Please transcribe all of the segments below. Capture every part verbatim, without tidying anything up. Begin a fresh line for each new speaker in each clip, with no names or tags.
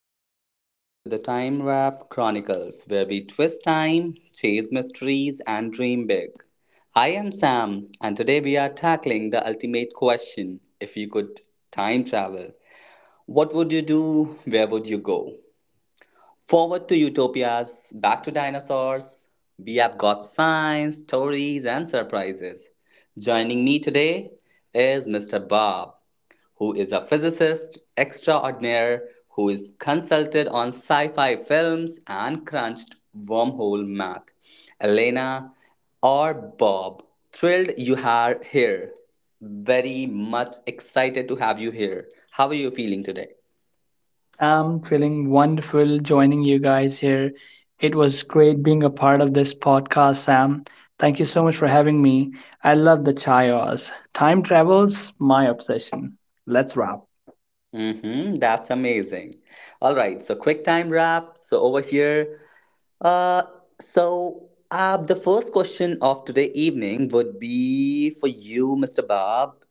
Ismize,
welcome to the Time Warp Chronicles, where we twist time, chase mysteries, and dream big. I am Sam, and today we are tackling the ultimate question, if you could time travel, what would you do? Where would you go? Forward to utopias, back to dinosaurs, we have got science, stories, and surprises. Joining me today is Mister Bob, who is a physicist extraordinaire who is consulted on sci fi films and crunched wormhole math. Elena, or Bob, thrilled you are here. Very much excited to have you here. How are you feeling today?
I'm feeling wonderful joining you guys here. It was great being a part of this podcast, Sam. Thank you so much for having me. I love the Chayos. Time travel's my obsession. Let's wrap.
Mm-hmm, that's amazing. All right, so quick time wrap. So over here, Uh, so uh, the first question of today evening would be for you, Mister Bob.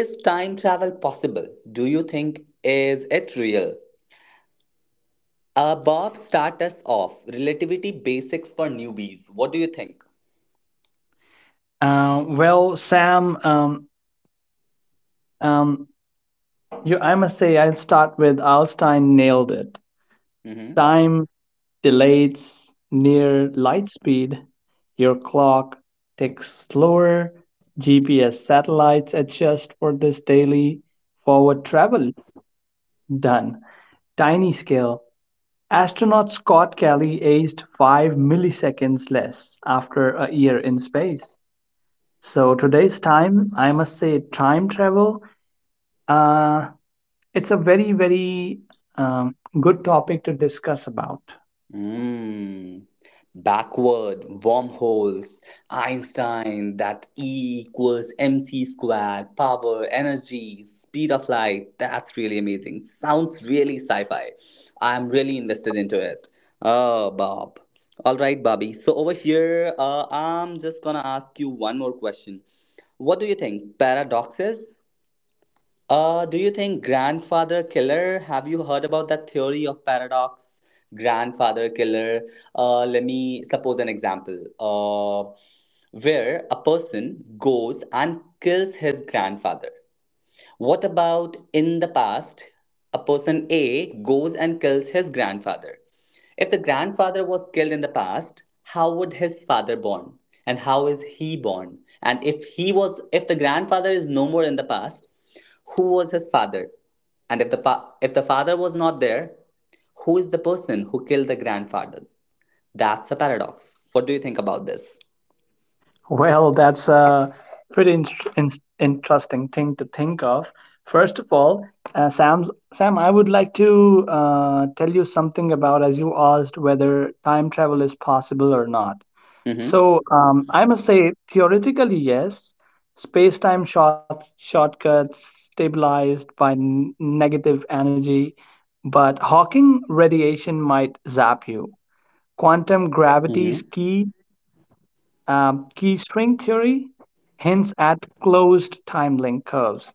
Is time travel possible? Do you think is it real? Uh, Bob, start us off. Relativity basics for newbies. What do you think?
Uh, well, Sam, um, um, you, I must say, I'll start with Alstein nailed it.
Mm-hmm.
Time, delays, near light speed, your clock ticks slower, G P S satellites adjust for this daily forward travel. Done. Tiny scale. Astronaut Scott Kelly aged five milliseconds less after a year in space. So today's time, I must say, time travel. Uh, it's a very, very um, good topic to discuss about.
Mm. Backward wormholes, Einstein, that E equals mc squared, power, energy, speed of light. That's really amazing. Sounds really sci fi. I'm really invested into it. Oh, Bob. All right, Bobby. So, over here, uh, I'm just gonna ask you one more question. What do you think? Paradoxes? Uh, do you think grandfather killer? Have you heard about that theory of paradox? Grandfather killer. Uh, let me suppose an example uh, where a person goes and kills his grandfather. What about in the past, a person A goes and kills his grandfather? If the grandfather was killed in the past, how would his father born? And how is he born? And if he was if the grandfather is no more in the past, who was his father? And if the, pa- if the father was not there, who is the person who killed the grandfather? That's a paradox. What do you think about this?
Well, that's a pretty in- in- interesting thing to think of. First of all, uh, Sam's, Sam, I would like to uh, tell you something about as you asked whether time travel is possible or not.
Mm-hmm.
So um, I must say, theoretically, yes. Space time short- shortcuts stabilized by n- negative energy, but Hawking radiation might zap you. Quantum
Mm-hmm.
gravity's key um, key string theory hints at closed time curves.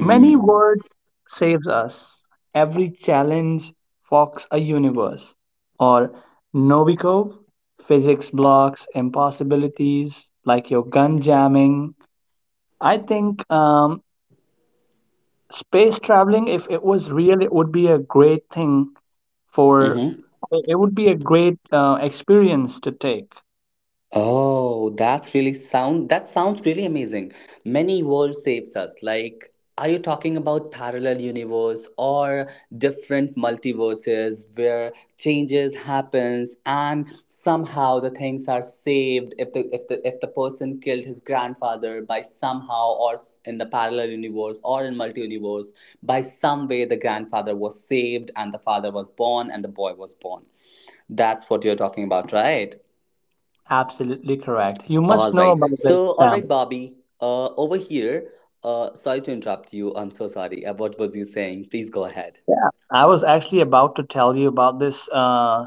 Many words saves us. Every challenge forks a universe. Or Novikov, physics blocks impossibilities like your gun jamming. I think um, space traveling, it was real, it would be a great thing for.
Mm-hmm.
It it would be a great uh, experience to take.
Oh, that's really sound that sounds really amazing. Many world saves us. Like, are you talking about parallel universe or different multiverses where changes happens and somehow the things are saved if the if the if the person killed his grandfather by somehow or s- in the parallel universe or in multi-universe by some way the grandfather was saved and the father was born and the boy was born. That's what you're talking about, right?
Absolutely correct. You must
All
know
right.
about
So,
this,
all
Sam.
right, Bobby, uh, over here. Uh, sorry to interrupt you. I'm so sorry. Uh, what was you saying? Please go ahead.
I was actually about to tell you about this. Uh,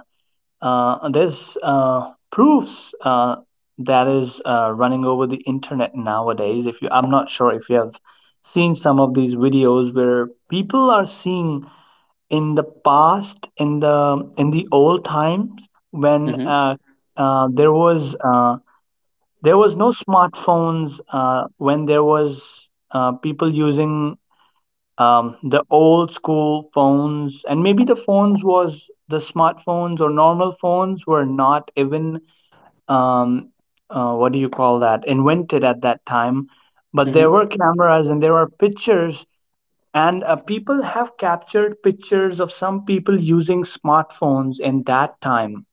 uh, this uh, proofs uh, that is uh, running over the internet nowadays. If you, I'm not sure if you have seen some of these videos where people are seeing in the past, in the in the old times when
Mm-hmm.
uh, uh, there was uh, there was no smartphones. Uh, when there was uh, people using um, the old school phones, and maybe the phones was the smartphones or normal phones were not even um, uh, what do you call that invented at that time, but there
Mm-hmm.
were cameras and there were pictures, and uh, people have captured pictures of some people using smartphones in that time.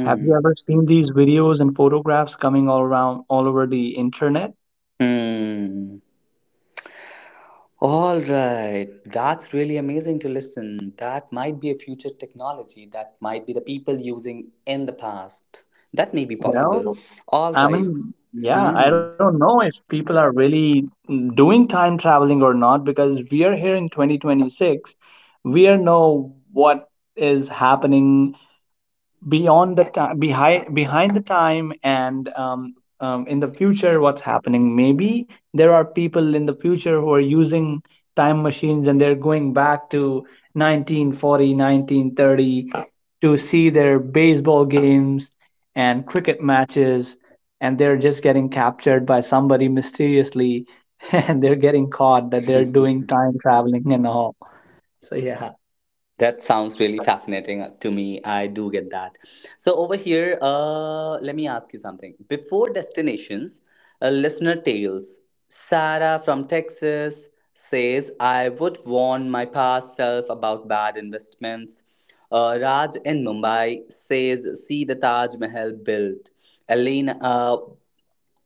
Have you ever seen these videos and photographs coming all around, all over the internet?
Mm. All right. That's really amazing to listen. That might be a future technology. That might be the people using in the past. That may be possible.
Well,
All
I
right.
mean, yeah, I
Hmm.
don't know if people are really mm, doing time traveling or not because we are here in twenty twenty-six. We are know what is happening beyond the time, behind behind the time. And um, um, in the future what's happening, maybe there are people in the future who are using time machines and they're going back to nineteen forty, nineteen thirty, to see their baseball games and cricket matches, and they're just getting captured by somebody mysteriously and they're getting caught that they're doing time traveling and all, so yeah.
That sounds really fascinating uh, to me. I do get that. So over here, uh, let me ask you something. Before destinations, uh, listener tales. Sarah from Texas says, "I would warn my past self about bad investments." Uh, Raj in Mumbai says, "See the Taj Mahal built." Elena uh,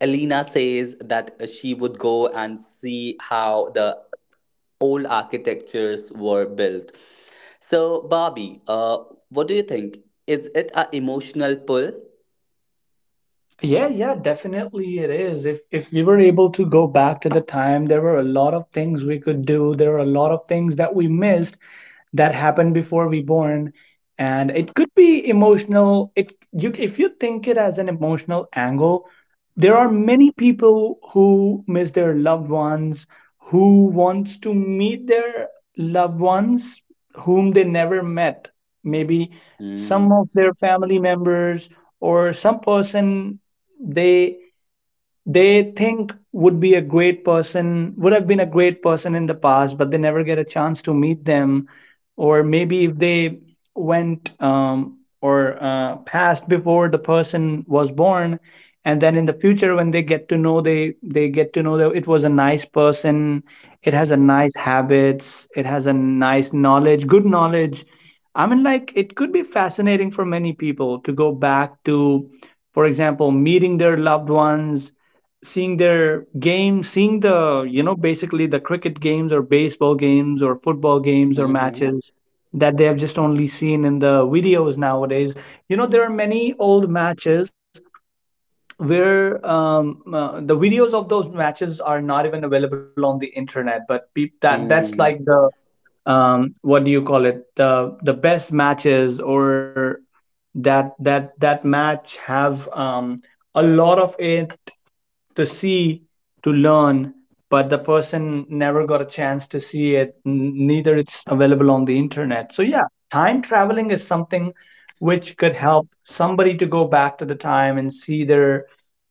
Elena says that she would go and see how the old architectures were built. So, Barbie, uh, what do you think? Is it an emotional pull?
Yeah, yeah, definitely it is. If if we were able to go back to the time, there were a lot of things we could do. There were a lot of things that we missed that happened before we born, and it could be emotional. It you If you think it as an emotional angle, there are many people who miss their loved ones, who wants to meet their loved ones whom they never met, maybe some
Mm.
of their family members or some person they they think would be a great person would have been a great person in the past, but they never get a chance to meet them. Or maybe if they went um, or uh, passed before the person was born, and then in the future when they get to know, they they get to know that it was a nice person, it has a nice habits, it has a nice knowledge good knowledge. I mean, like, it could be fascinating for many people to go back to, for example, meeting their loved ones, seeing their games, seeing the, you know, basically the cricket games or baseball games or football games or
Mm-hmm.
matches that they have just only seen in the videos nowadays. You know, there are many old matches where um, uh, the videos of those matches are not even available on the internet, but peop that that's
Mm.
like the um, what do you call it? The the best matches, or that that that match have um, a lot of it to see, to learn, but the person never got a chance to see it, n- neither it's available on the internet. So yeah, time traveling is something which could help somebody to go back to the time and see their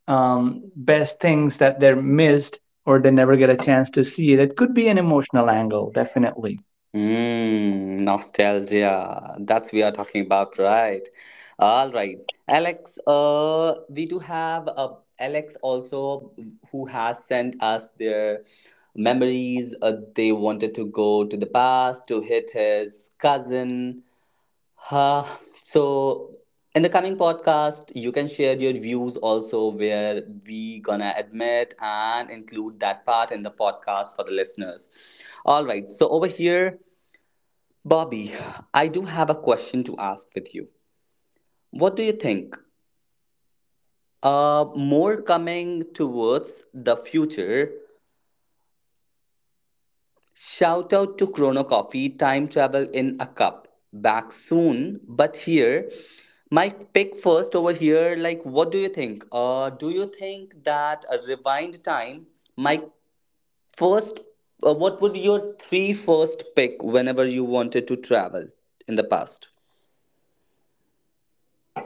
um, best things that they're missed or they never get a chance to see it. It could be an emotional angle, definitely.
Mm. Nostalgia. That's we are talking about, right? All right, Alex. Uh, we do have uh, Alex also who has sent us their memories. Uh, they wanted to go to the past to hit his cousin. Uh, so in the coming podcast, you can share your views also where we gonna admit and include that part in the podcast for the listeners. All right, so over here, Bobby, I do have a question to ask with you. What do you think? Uh, more coming towards the future. Shout out to Chrono Coffee, Time Travel in a Cup. Back soon, but here. My pick first over here, like, what do you think? Uh, do you think that a rewind time, my first, uh, what would your three first pick whenever you wanted to travel in the past?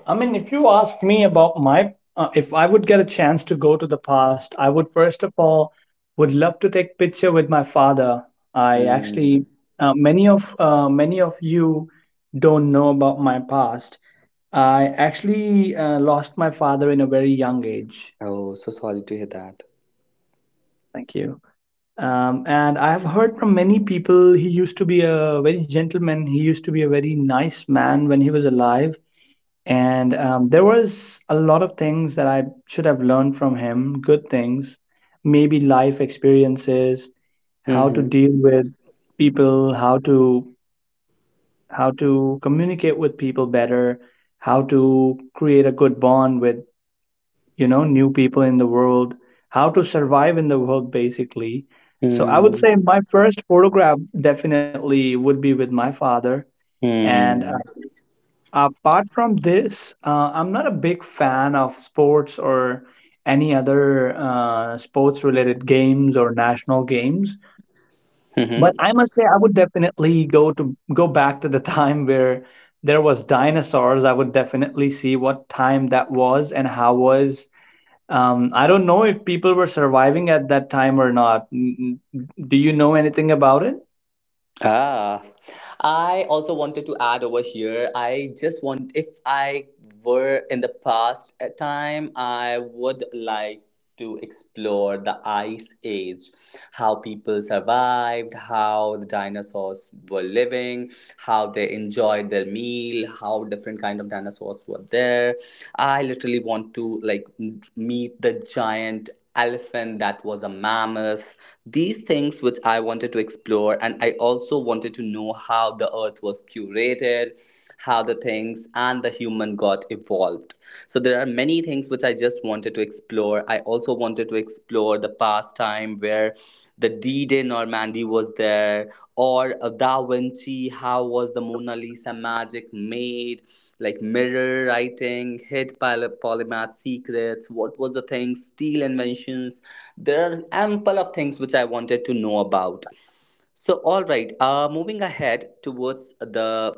I mean, if you ask me about my, uh, if I would get a chance to go to the past, I would first of all would love to take picture with my father. I
Hmm.
actually uh, many of uh, many of you don't know about my past. I actually uh, lost my father in a very young age.
Oh, so sorry to hear that.
Thank you. Um, and I have heard from many people he used to be a very gentleman. He used to be a very nice man when he was alive, and um, there was a lot of things that I should have learned from him, good things, maybe life experiences, how to
Mm-hmm.
deal with people, how to how to communicate with people better, how to create a good bond with you know new people in the world, how to survive in the world basically. So I would
Mm-hmm.
say my first photograph definitely would be with my father. And apart from this, uh, I'm not a big fan of sports or any other uh, sports related games or national games. But
Mm-hmm.
I must say, I would definitely go to go back to the time where there was dinosaurs. I would definitely see what time that was, and how was, um, I don't know if people were surviving at that time or not. N- n- Do you know anything about it?
Ah, I also wanted to add over here. I just want, if I were in the past a time, I would like to explore the ice age, how people survived, how the dinosaurs were living, how they enjoyed their meal, how different kind of dinosaurs were there. I literally want to like m- meet the giant elephant that was a mammoth. These things which I wanted to explore, and I also wanted to know how the earth was curated, how the things and the human got evolved. So there are many things which I just wanted to explore. I also wanted to explore the past time where the D-Day Normandy was there, or a Da Vinci, how was the Mona Lisa magic made, like mirror writing hid polymath secrets, what was the thing, steel inventions. There are ample of things which I wanted to know about. So, all right, uh, moving ahead towards the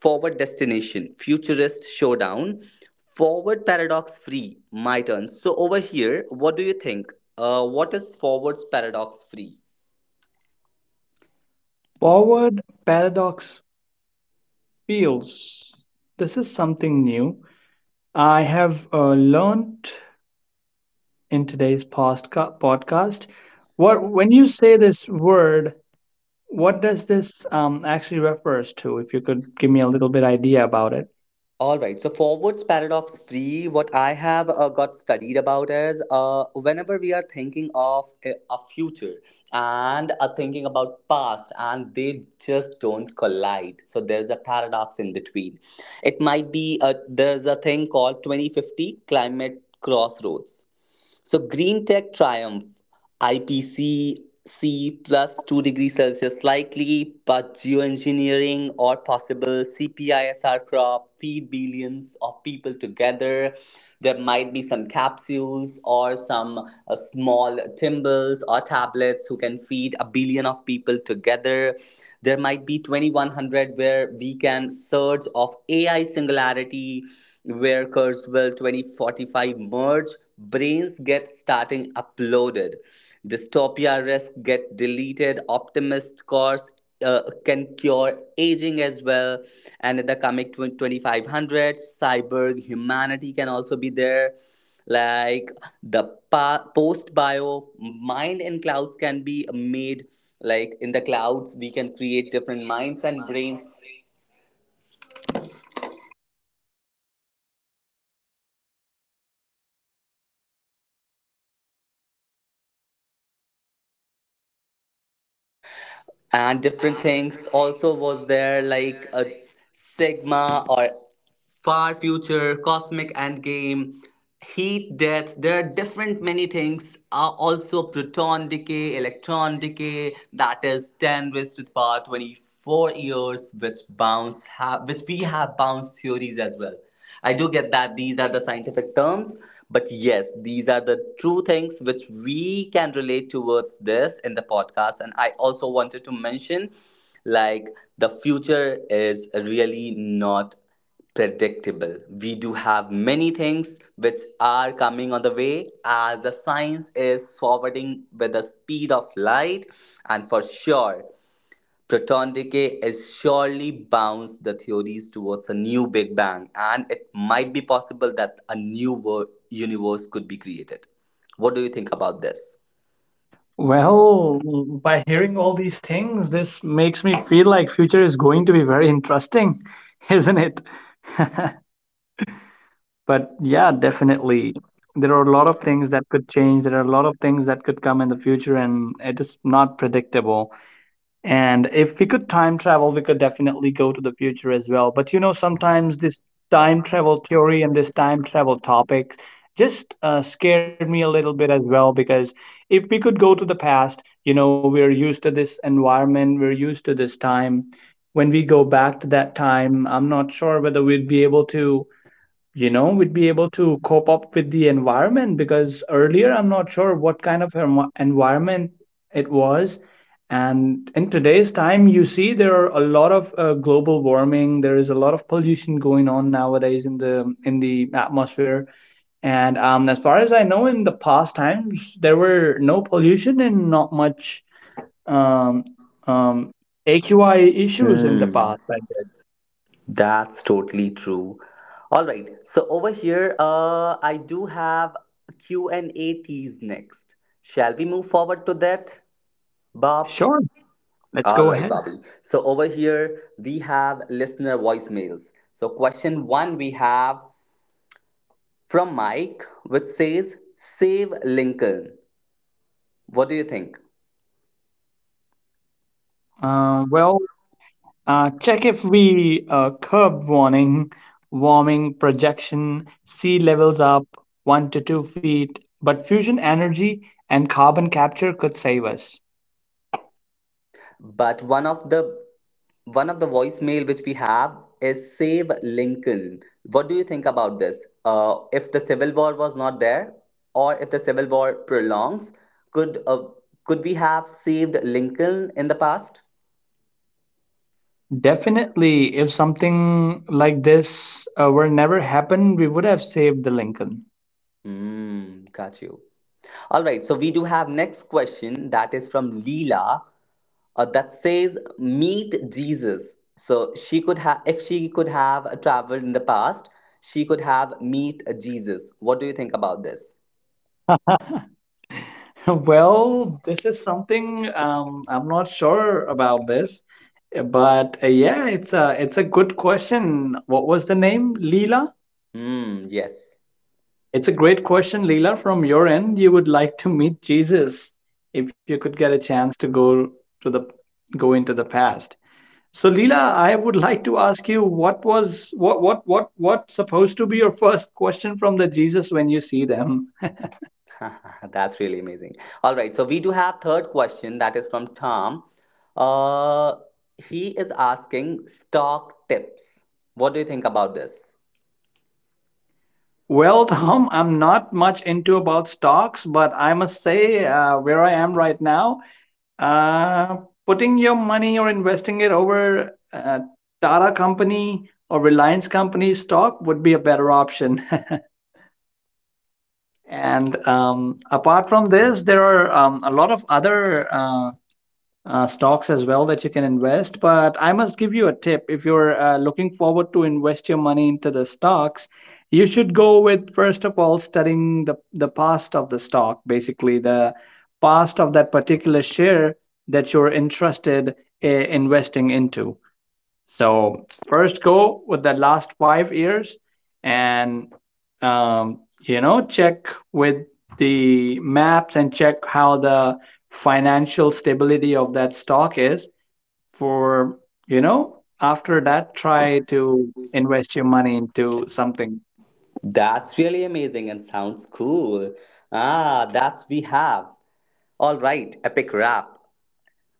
forward destination, futurist showdown, forward paradox free, my turn. So, over here, what do you think? Uh, what is forwards paradox free?
Forward paradox fields. This is something new I have uh, learned in today's postca- podcast. What when you say this word, What does this um, actually refers to? If you could give me a little bit idea about it.
All right. So forwards paradox free. What I have uh, got studied about is uh, whenever we are thinking of a, a future and are thinking about past, and they just don't collide. So there is a paradox in between. It might be uh there's a thing called twenty fifty climate crossroads, so green tech triumph, I P C C two degrees Celsius likely, but geoengineering or possible C P I S R crop feed billions of people together. There might be some capsules or some uh, small timbals or tablets who can feed a billion of people together. There might be twenty one hundred where we can surge of A I singularity, where Kurzweil twenty forty-five merge, brains get starting uploaded, dystopia risk get deleted, optimist scores uh, can cure aging as well. And in the coming twenty twenty-five hundred, cyborg humanity can also be there, like the pa- post bio mind in clouds can be made, like in the clouds we can create different minds and brains, and different things also was there, like a sigma, or Far Future, Cosmic Endgame, Heat Death. There are different many things. Uh, also, proton decay, electron decay. That is ten raised to the power twenty-four years, which bounce have, which we have bounce theories as well. I do get that these are the scientific terms, but yes, these are the true things which we can relate towards this in the podcast. And I also wanted to mention like the future is really not predictable. We do have many things which are coming on the way as the science is forwarding with the speed of light, and for sure, proton decay is surely bounds the theories towards a new Big Bang, and it might be possible that a new wor- universe could be created. What do you think about this?
Well, by hearing all these things, this makes me feel like future is going to be very interesting, isn't it? But yeah, definitely. There are a lot of things that could change. There are a lot of things that could come in the future, and it is not predictable. And if we could time travel, we could definitely go to the future as well. But you know, sometimes this time travel theory and this time travel topic just uh, scared me a little bit as well. Because if we could go to the past, you know, we're used to this environment, we're used to this time. When we go back to that time, I'm not sure whether we'd be able to you know we'd be able to cope up with the environment, because earlier I'm not sure what kind of envi- environment it was. And in today's time, you see, there are a lot of uh, global warming, there is a lot of pollution going on nowadays in the in the atmosphere. And um, as far as I know, in the past times there were no pollution, and not much um, um, A Q I issues in the
Hmm.
past, I guess.
That's totally true. All right. So over here, uh, I do have Q and A T's next. Shall we move forward to that, Bob?
Sure,
All
let's
right,
go ahead.
Bobby. So over here, we have listener voicemails. So question one, we have from Mike, which says, "Save Lincoln." What do you think?
See a curb warning, warming projection, sea levels up one to two feet, but fusion energy and carbon capture could save us.
But one of the one of the voicemail which we have is save Lincoln. What do you think about this? Uh, if the civil war was not there, or if the civil war prolongs, could uh, could we have saved Lincoln in the past?
Definitely, if something like this uh, were never happened, we would have saved the Lincoln.
Mm, got you. All right, so we do have next question that is from Leela, uh, that says meet Jesus. So she could have, if she could have traveled in the past, she could have meet Jesus. What do you think about this?
Well, this is something um, I'm not sure about this, uh, but uh, yeah, it's a it's a good question. What was the name? Leela?
Hmm, yes.
It's a great question, Leela. From your end, you would like to meet Jesus if you could get a chance to go to the go into the past. So, Leela, I would like to ask you what was what what what what's supposed to be your first question from the Jesus when you see them?
That's really amazing. All right, so we do have third question that is from Tom. Uh, he is asking stock tips. What do you think about this?
Well, Tom, I'm not much into about stocks, but I must say, uh, where I am right now, uh, putting your money or investing it over uh, Tata Company or Reliance Company stock would be a better option. And um, apart from this, there are um, a lot of other uh, uh, stocks as well that you can invest. But I must give you a tip if you're uh, looking forward to invest your money into the stocks, you should go with first of all studying the, the past of the stock, basically the past of that particular share that you're interested uh, investing into. So first go with the last five years and um, you know check with the maps and check how the financial stability of that stock is for you know After that try to invest your money into something.
That's really amazing and sounds cool. Ah, that's we have. All right, epic rap.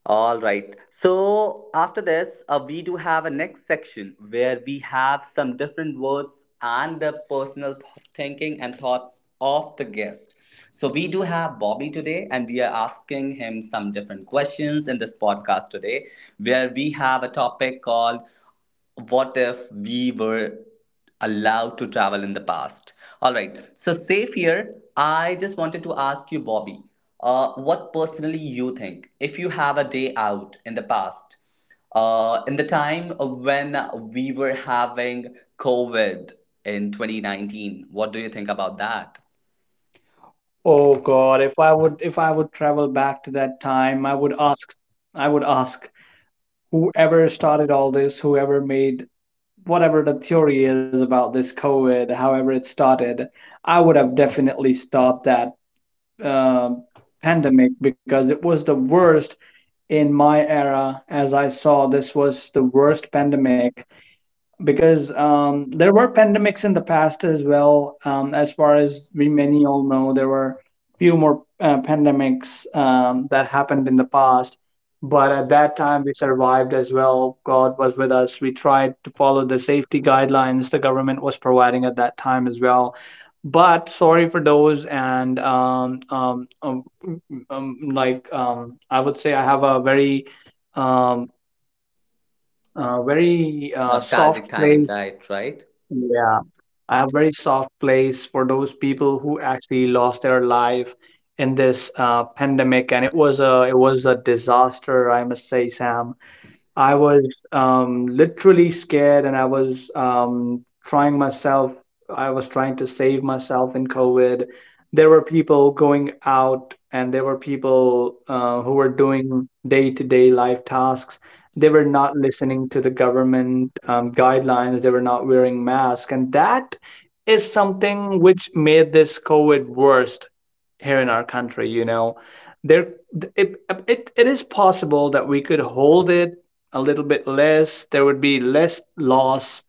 All right. So after this, uh, we do have a next section where we have some different words and the personal th- thinking and thoughts of the guest. So we do have Bobby today, and we are asking him some different questions in this podcast today, where we have a topic called what if we were allowed to travel in the past. All right, so safe here, I just wanted to ask you, Bobby, uh, what personally you think if you have a day out in the past, uh, in the time when we were having COVID in twenty nineteen. What do you think about that?
Oh god, if I would if i would travel back to that time, i would ask i would ask whoever started all this, whoever made, whatever the theory is about this COVID, however it started, I would have definitely stopped that um pandemic, because it was the worst in my era. As I saw, this was the worst pandemic because um, there were pandemics in the past as well. Um, as far as we many all know, there were few more uh, pandemics um, that happened in the past. But at that time, we survived as well. God was with us. We tried to follow the safety guidelines the government was providing at that time as well. But sorry for those, and um, um, um, um, like um, I would say, I have a very um, uh, very uh, soft
Nostalgic time,
place.
right, right.
Yeah, I have very soft place for those people who actually lost their life in this uh, pandemic, and it was a it was a disaster, I must say, Sam. I was um, literally scared and I was um, trying myself, I was trying to save myself in COVID. There were people going out and there were people uh, who were doing day-to-day life tasks. They were not listening to the government um, guidelines, they were not wearing masks. And that is something which made this COVID worst here in our country, you know. There, it, it, it is possible that we could hold it a little bit less. There would be less loss,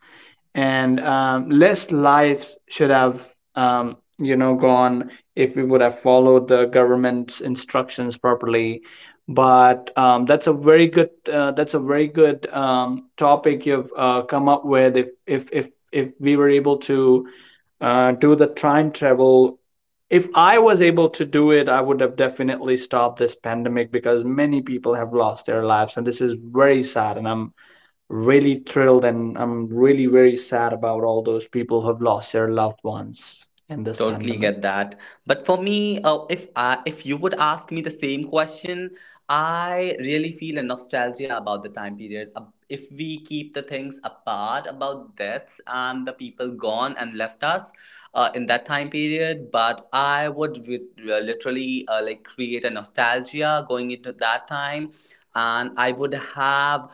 and um, less lives should have, um, you know, gone if we would have followed the government's instructions properly. But um, that's a very good uh, that's a very good um, topic you've uh, come up with. If if if if we were able to uh, do the time travel. If I was able to do it, I would have definitely stopped this pandemic because many people have lost their lives, and this is very sad. And I'm really thrilled and I'm really, very sad about all those people who have lost their loved ones in this
Totally
pandemic.
get that. But for me, uh, if I, if you would ask me the same question, I really feel a nostalgia about the time period. Uh, If we keep the things apart about deaths and the people gone and left us uh, in that time period. But I would re- uh, literally uh, like create a nostalgia going into that time, and I would have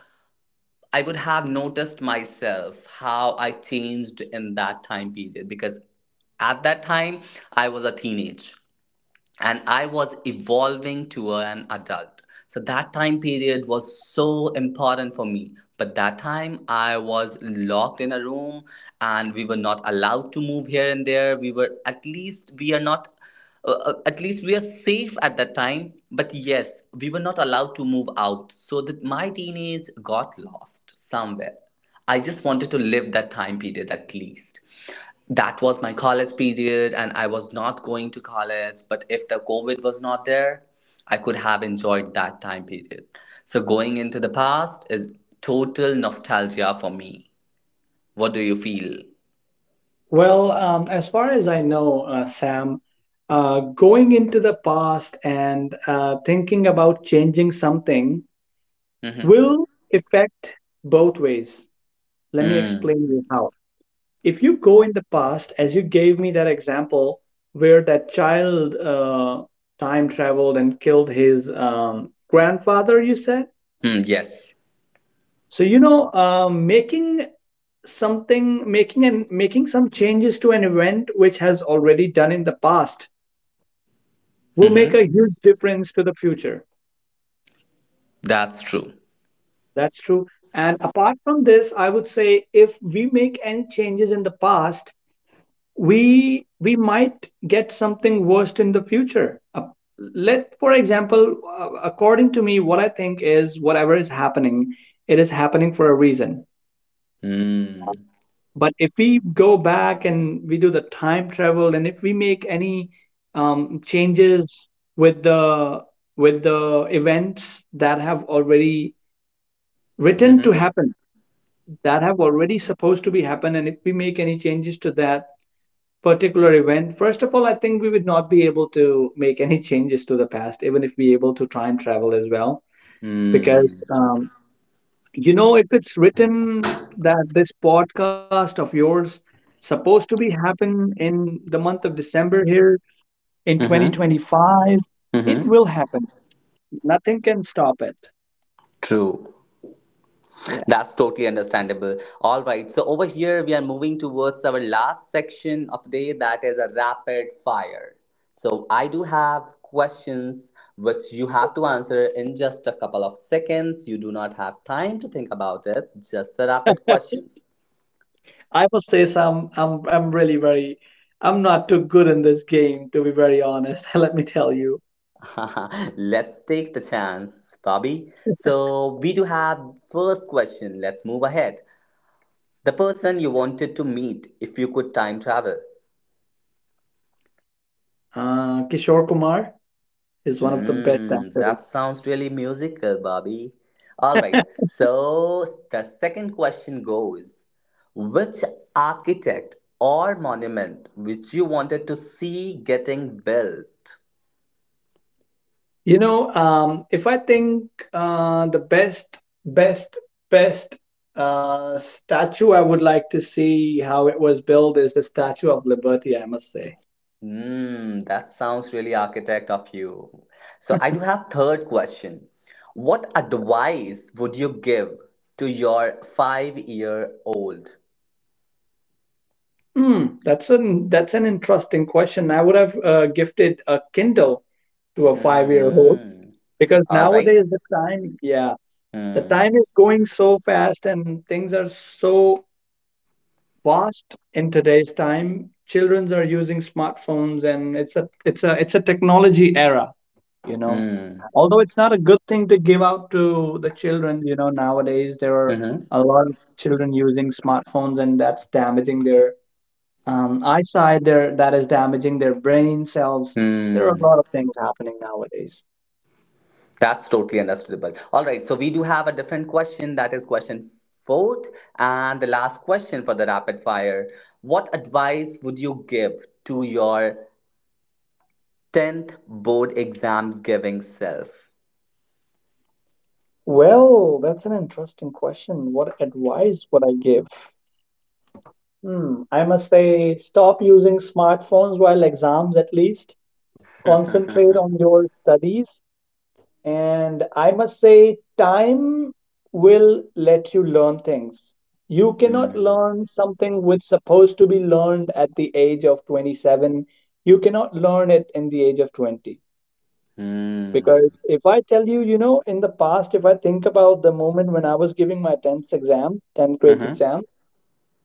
I would have noticed myself how I changed in that time period, because at that time I was a teenage, and I was evolving to an adult, so that time period was so important for me. But that time I was locked in a room, and we were not allowed to move here and there. We were, at least we are not, uh, uh, at least we are safe at that time. But yes, we were not allowed to move out, so that my teenage got lost somewhere. I just wanted to live that time period, at least. That was my college period and I was not going to college, but if the covid was not there, I could have enjoyed that time period. So going into the past is total nostalgia for me. What do you feel?
Well, um, as far as I know, uh, Sam, uh, going into the past and uh, thinking about changing something
Mm-hmm.
will affect both ways. Let me
Mm.
explain you how. If you go in the past, as you gave me that example where that child uh, time traveled and killed his um, grandfather, you said.
Mm, yes.
So you know, um making something, making and making some changes to an event which has already done in the past will make
Mm-hmm.
a huge difference to the future.
That's true.
That's true. And apart from this, I would say if we make any changes in the past, we we might get something worse in the future. Uh, let for example, uh, according to me, what I think is, whatever is happening, it is happening for a reason.
Mm.
But if we go back and we do the time travel, and if we make any um, changes with the with the events that have already written to
Mm-hmm.
happen, that have already supposed to be happen, and if we make any changes to that particular event, first of all, I think we would not be able to make any changes to the past, even if we able to time travel as well. Because,
Mm.
um, you know, if it's written that this podcast of yours supposed to be happen in the month of December here in
Mm-hmm.
twenty twenty-five, it will
Mm-hmm.
happen. Nothing can stop it.
True.
Yeah.
That's totally understandable. All right. So over here we are moving towards our last section of the day, that is a rapid fire. So I do have questions which you have to answer in just a couple of seconds. You do not have time to think about it. Just the rapid questions.
I must say some, I'm I'm really very, I'm not too good in this game, to be very honest. Let me tell you.
Let's take the chance, Bobby. So we do have first question. Let's move ahead. The person you wanted to meet if you could time travel.
Uh, Kishore Kumar is one of the best
Mm, that
actors.
sounds really musical, Bobby. All right, so the second question goes, which architect or monument which you wanted to see getting built?
You know, um, if I think, uh, the best, best, best uh, statue I would like to see how it was built is the Statue of Liberty, I must say.
Mm, that sounds really architect of you. So I do have third question. What advice would you give to your five-year-old?
Hmm, that's an that's an interesting question. I would have uh, gifted a Kindle to a five-year-old
Mm-hmm.
because
All right.
nowadays the time, yeah, the
Mm,
time is going so fast and things are so vast in today's time. Children are using smartphones, and it's a it's a it's a technology era. You know,
mm,
although it's not a good thing to give out to the children. You know, nowadays there are
mm-hmm.
a lot of children using smartphones, and that's damaging their um, eyesight. There, that is damaging their brain cells. There
Hmm,
are a lot of things happening nowadays.
that's totally understandable. All right, so we do have a different question, that is question fourth and the last question for the rapid fire. What advice would you give to your tenth board exam giving self?
Well, that's an interesting question. What advice would I give? Hmm, I must say, stop using smartphones while exams at least. Concentrate on your studies. And I must say, time will let you learn things. You cannot
Hmm.
learn something which supposed to be learned at the age of twenty-seven. You cannot learn it in the age of twenty.
Hmm.
Because if I tell you, you know, in the past, if I think about the moment when I was giving my tenth exam, tenth grade
Mm-hmm.
exam,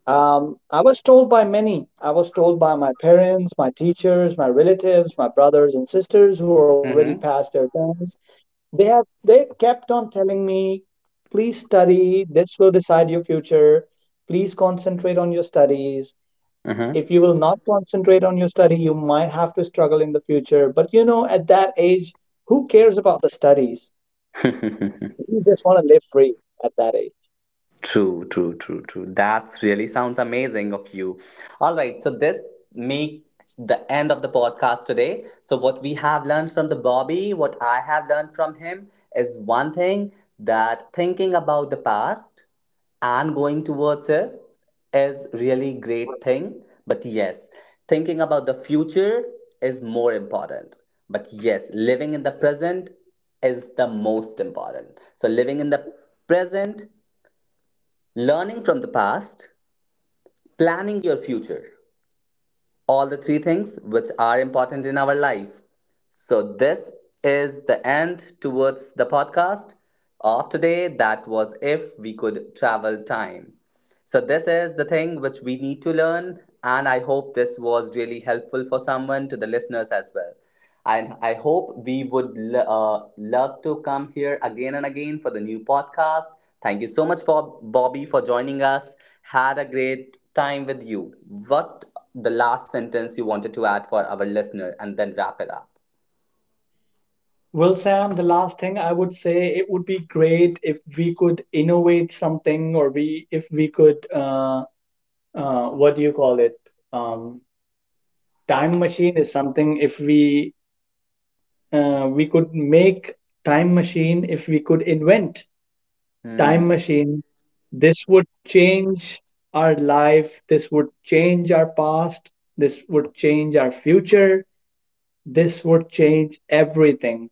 um, I was told by many. I was told by my parents, my teachers, my relatives, my brothers and sisters who already passed
Mm-hmm.
their time. They have they kept on telling me, please study, this will decide your future. Please concentrate on your studies. If you will not concentrate on your study, you might have to struggle in the future. But you know, at that age, who cares about the studies?
Mm-hmm.
You just want to live free at that age.
True, true, true, true. That really sounds amazing of you. All right, so this make the end of the podcast today. So what we have learned from the Bobby, what I have learned from him is one thing, that thinking about the past and going towards it is really great thing, but yes, thinking about the future is more important. But yes, living in the present is the most important. So living in the present, learning from the past, planning your future, all the three things which are important in our life. So, this is the end towards the podcast of today. That was If We Could Travel Time. So, this is the thing which we need to learn, and I hope this was really helpful for someone, to the listeners as well. And I hope we would lo- uh, love to come here again and again for the new podcast. Thank you so much for Bobby for joining us. Had a great time with you. What the last sentence you wanted to add for our listener, and then wrap it up.
Well, Sam, the last thing I would say, it would be great if we could innovate something, or we if we could uh, uh, what do you call it? Um, Time machine is something, if we uh, we could make time machine, if we could invent time
Hmm.
machine, this would change our life, this would change our past, this would change our future, this would change everything.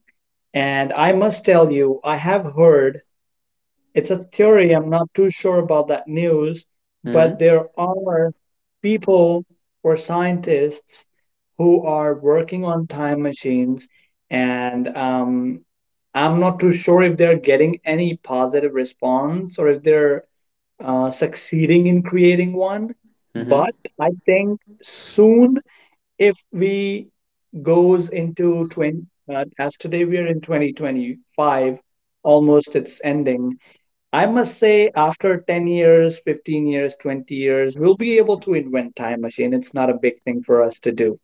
And I must tell you, I have heard it's a theory. I'm not too sure about that news, but
Hmm.
there are people or scientists who are working on time machines, and um, I'm not too sure if they're getting any positive response or if they're uh, succeeding in creating one.
Hmm.
But I think soon, if we goes into twenty, uh, as today we are in twenty twenty-five, almost it's ending. I must say, after ten years, fifteen years, twenty years, we'll be able to invent time machine. It's not a big thing for us to do.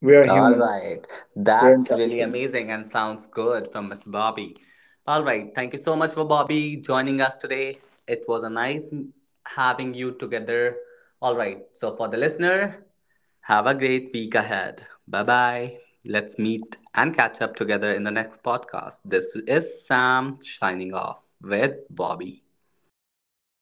We are
All
humans.
right.
We're
That's really
intelligent.
amazing and sounds good from mister Bobby. All right. Thank you so much for Bobby joining us today. It was a nice m- having you together. All right. So for the listener, have a great week ahead. Bye bye. Let's meet and catch up together in the next podcast. This is Sam signing off with Bobby.
Bye.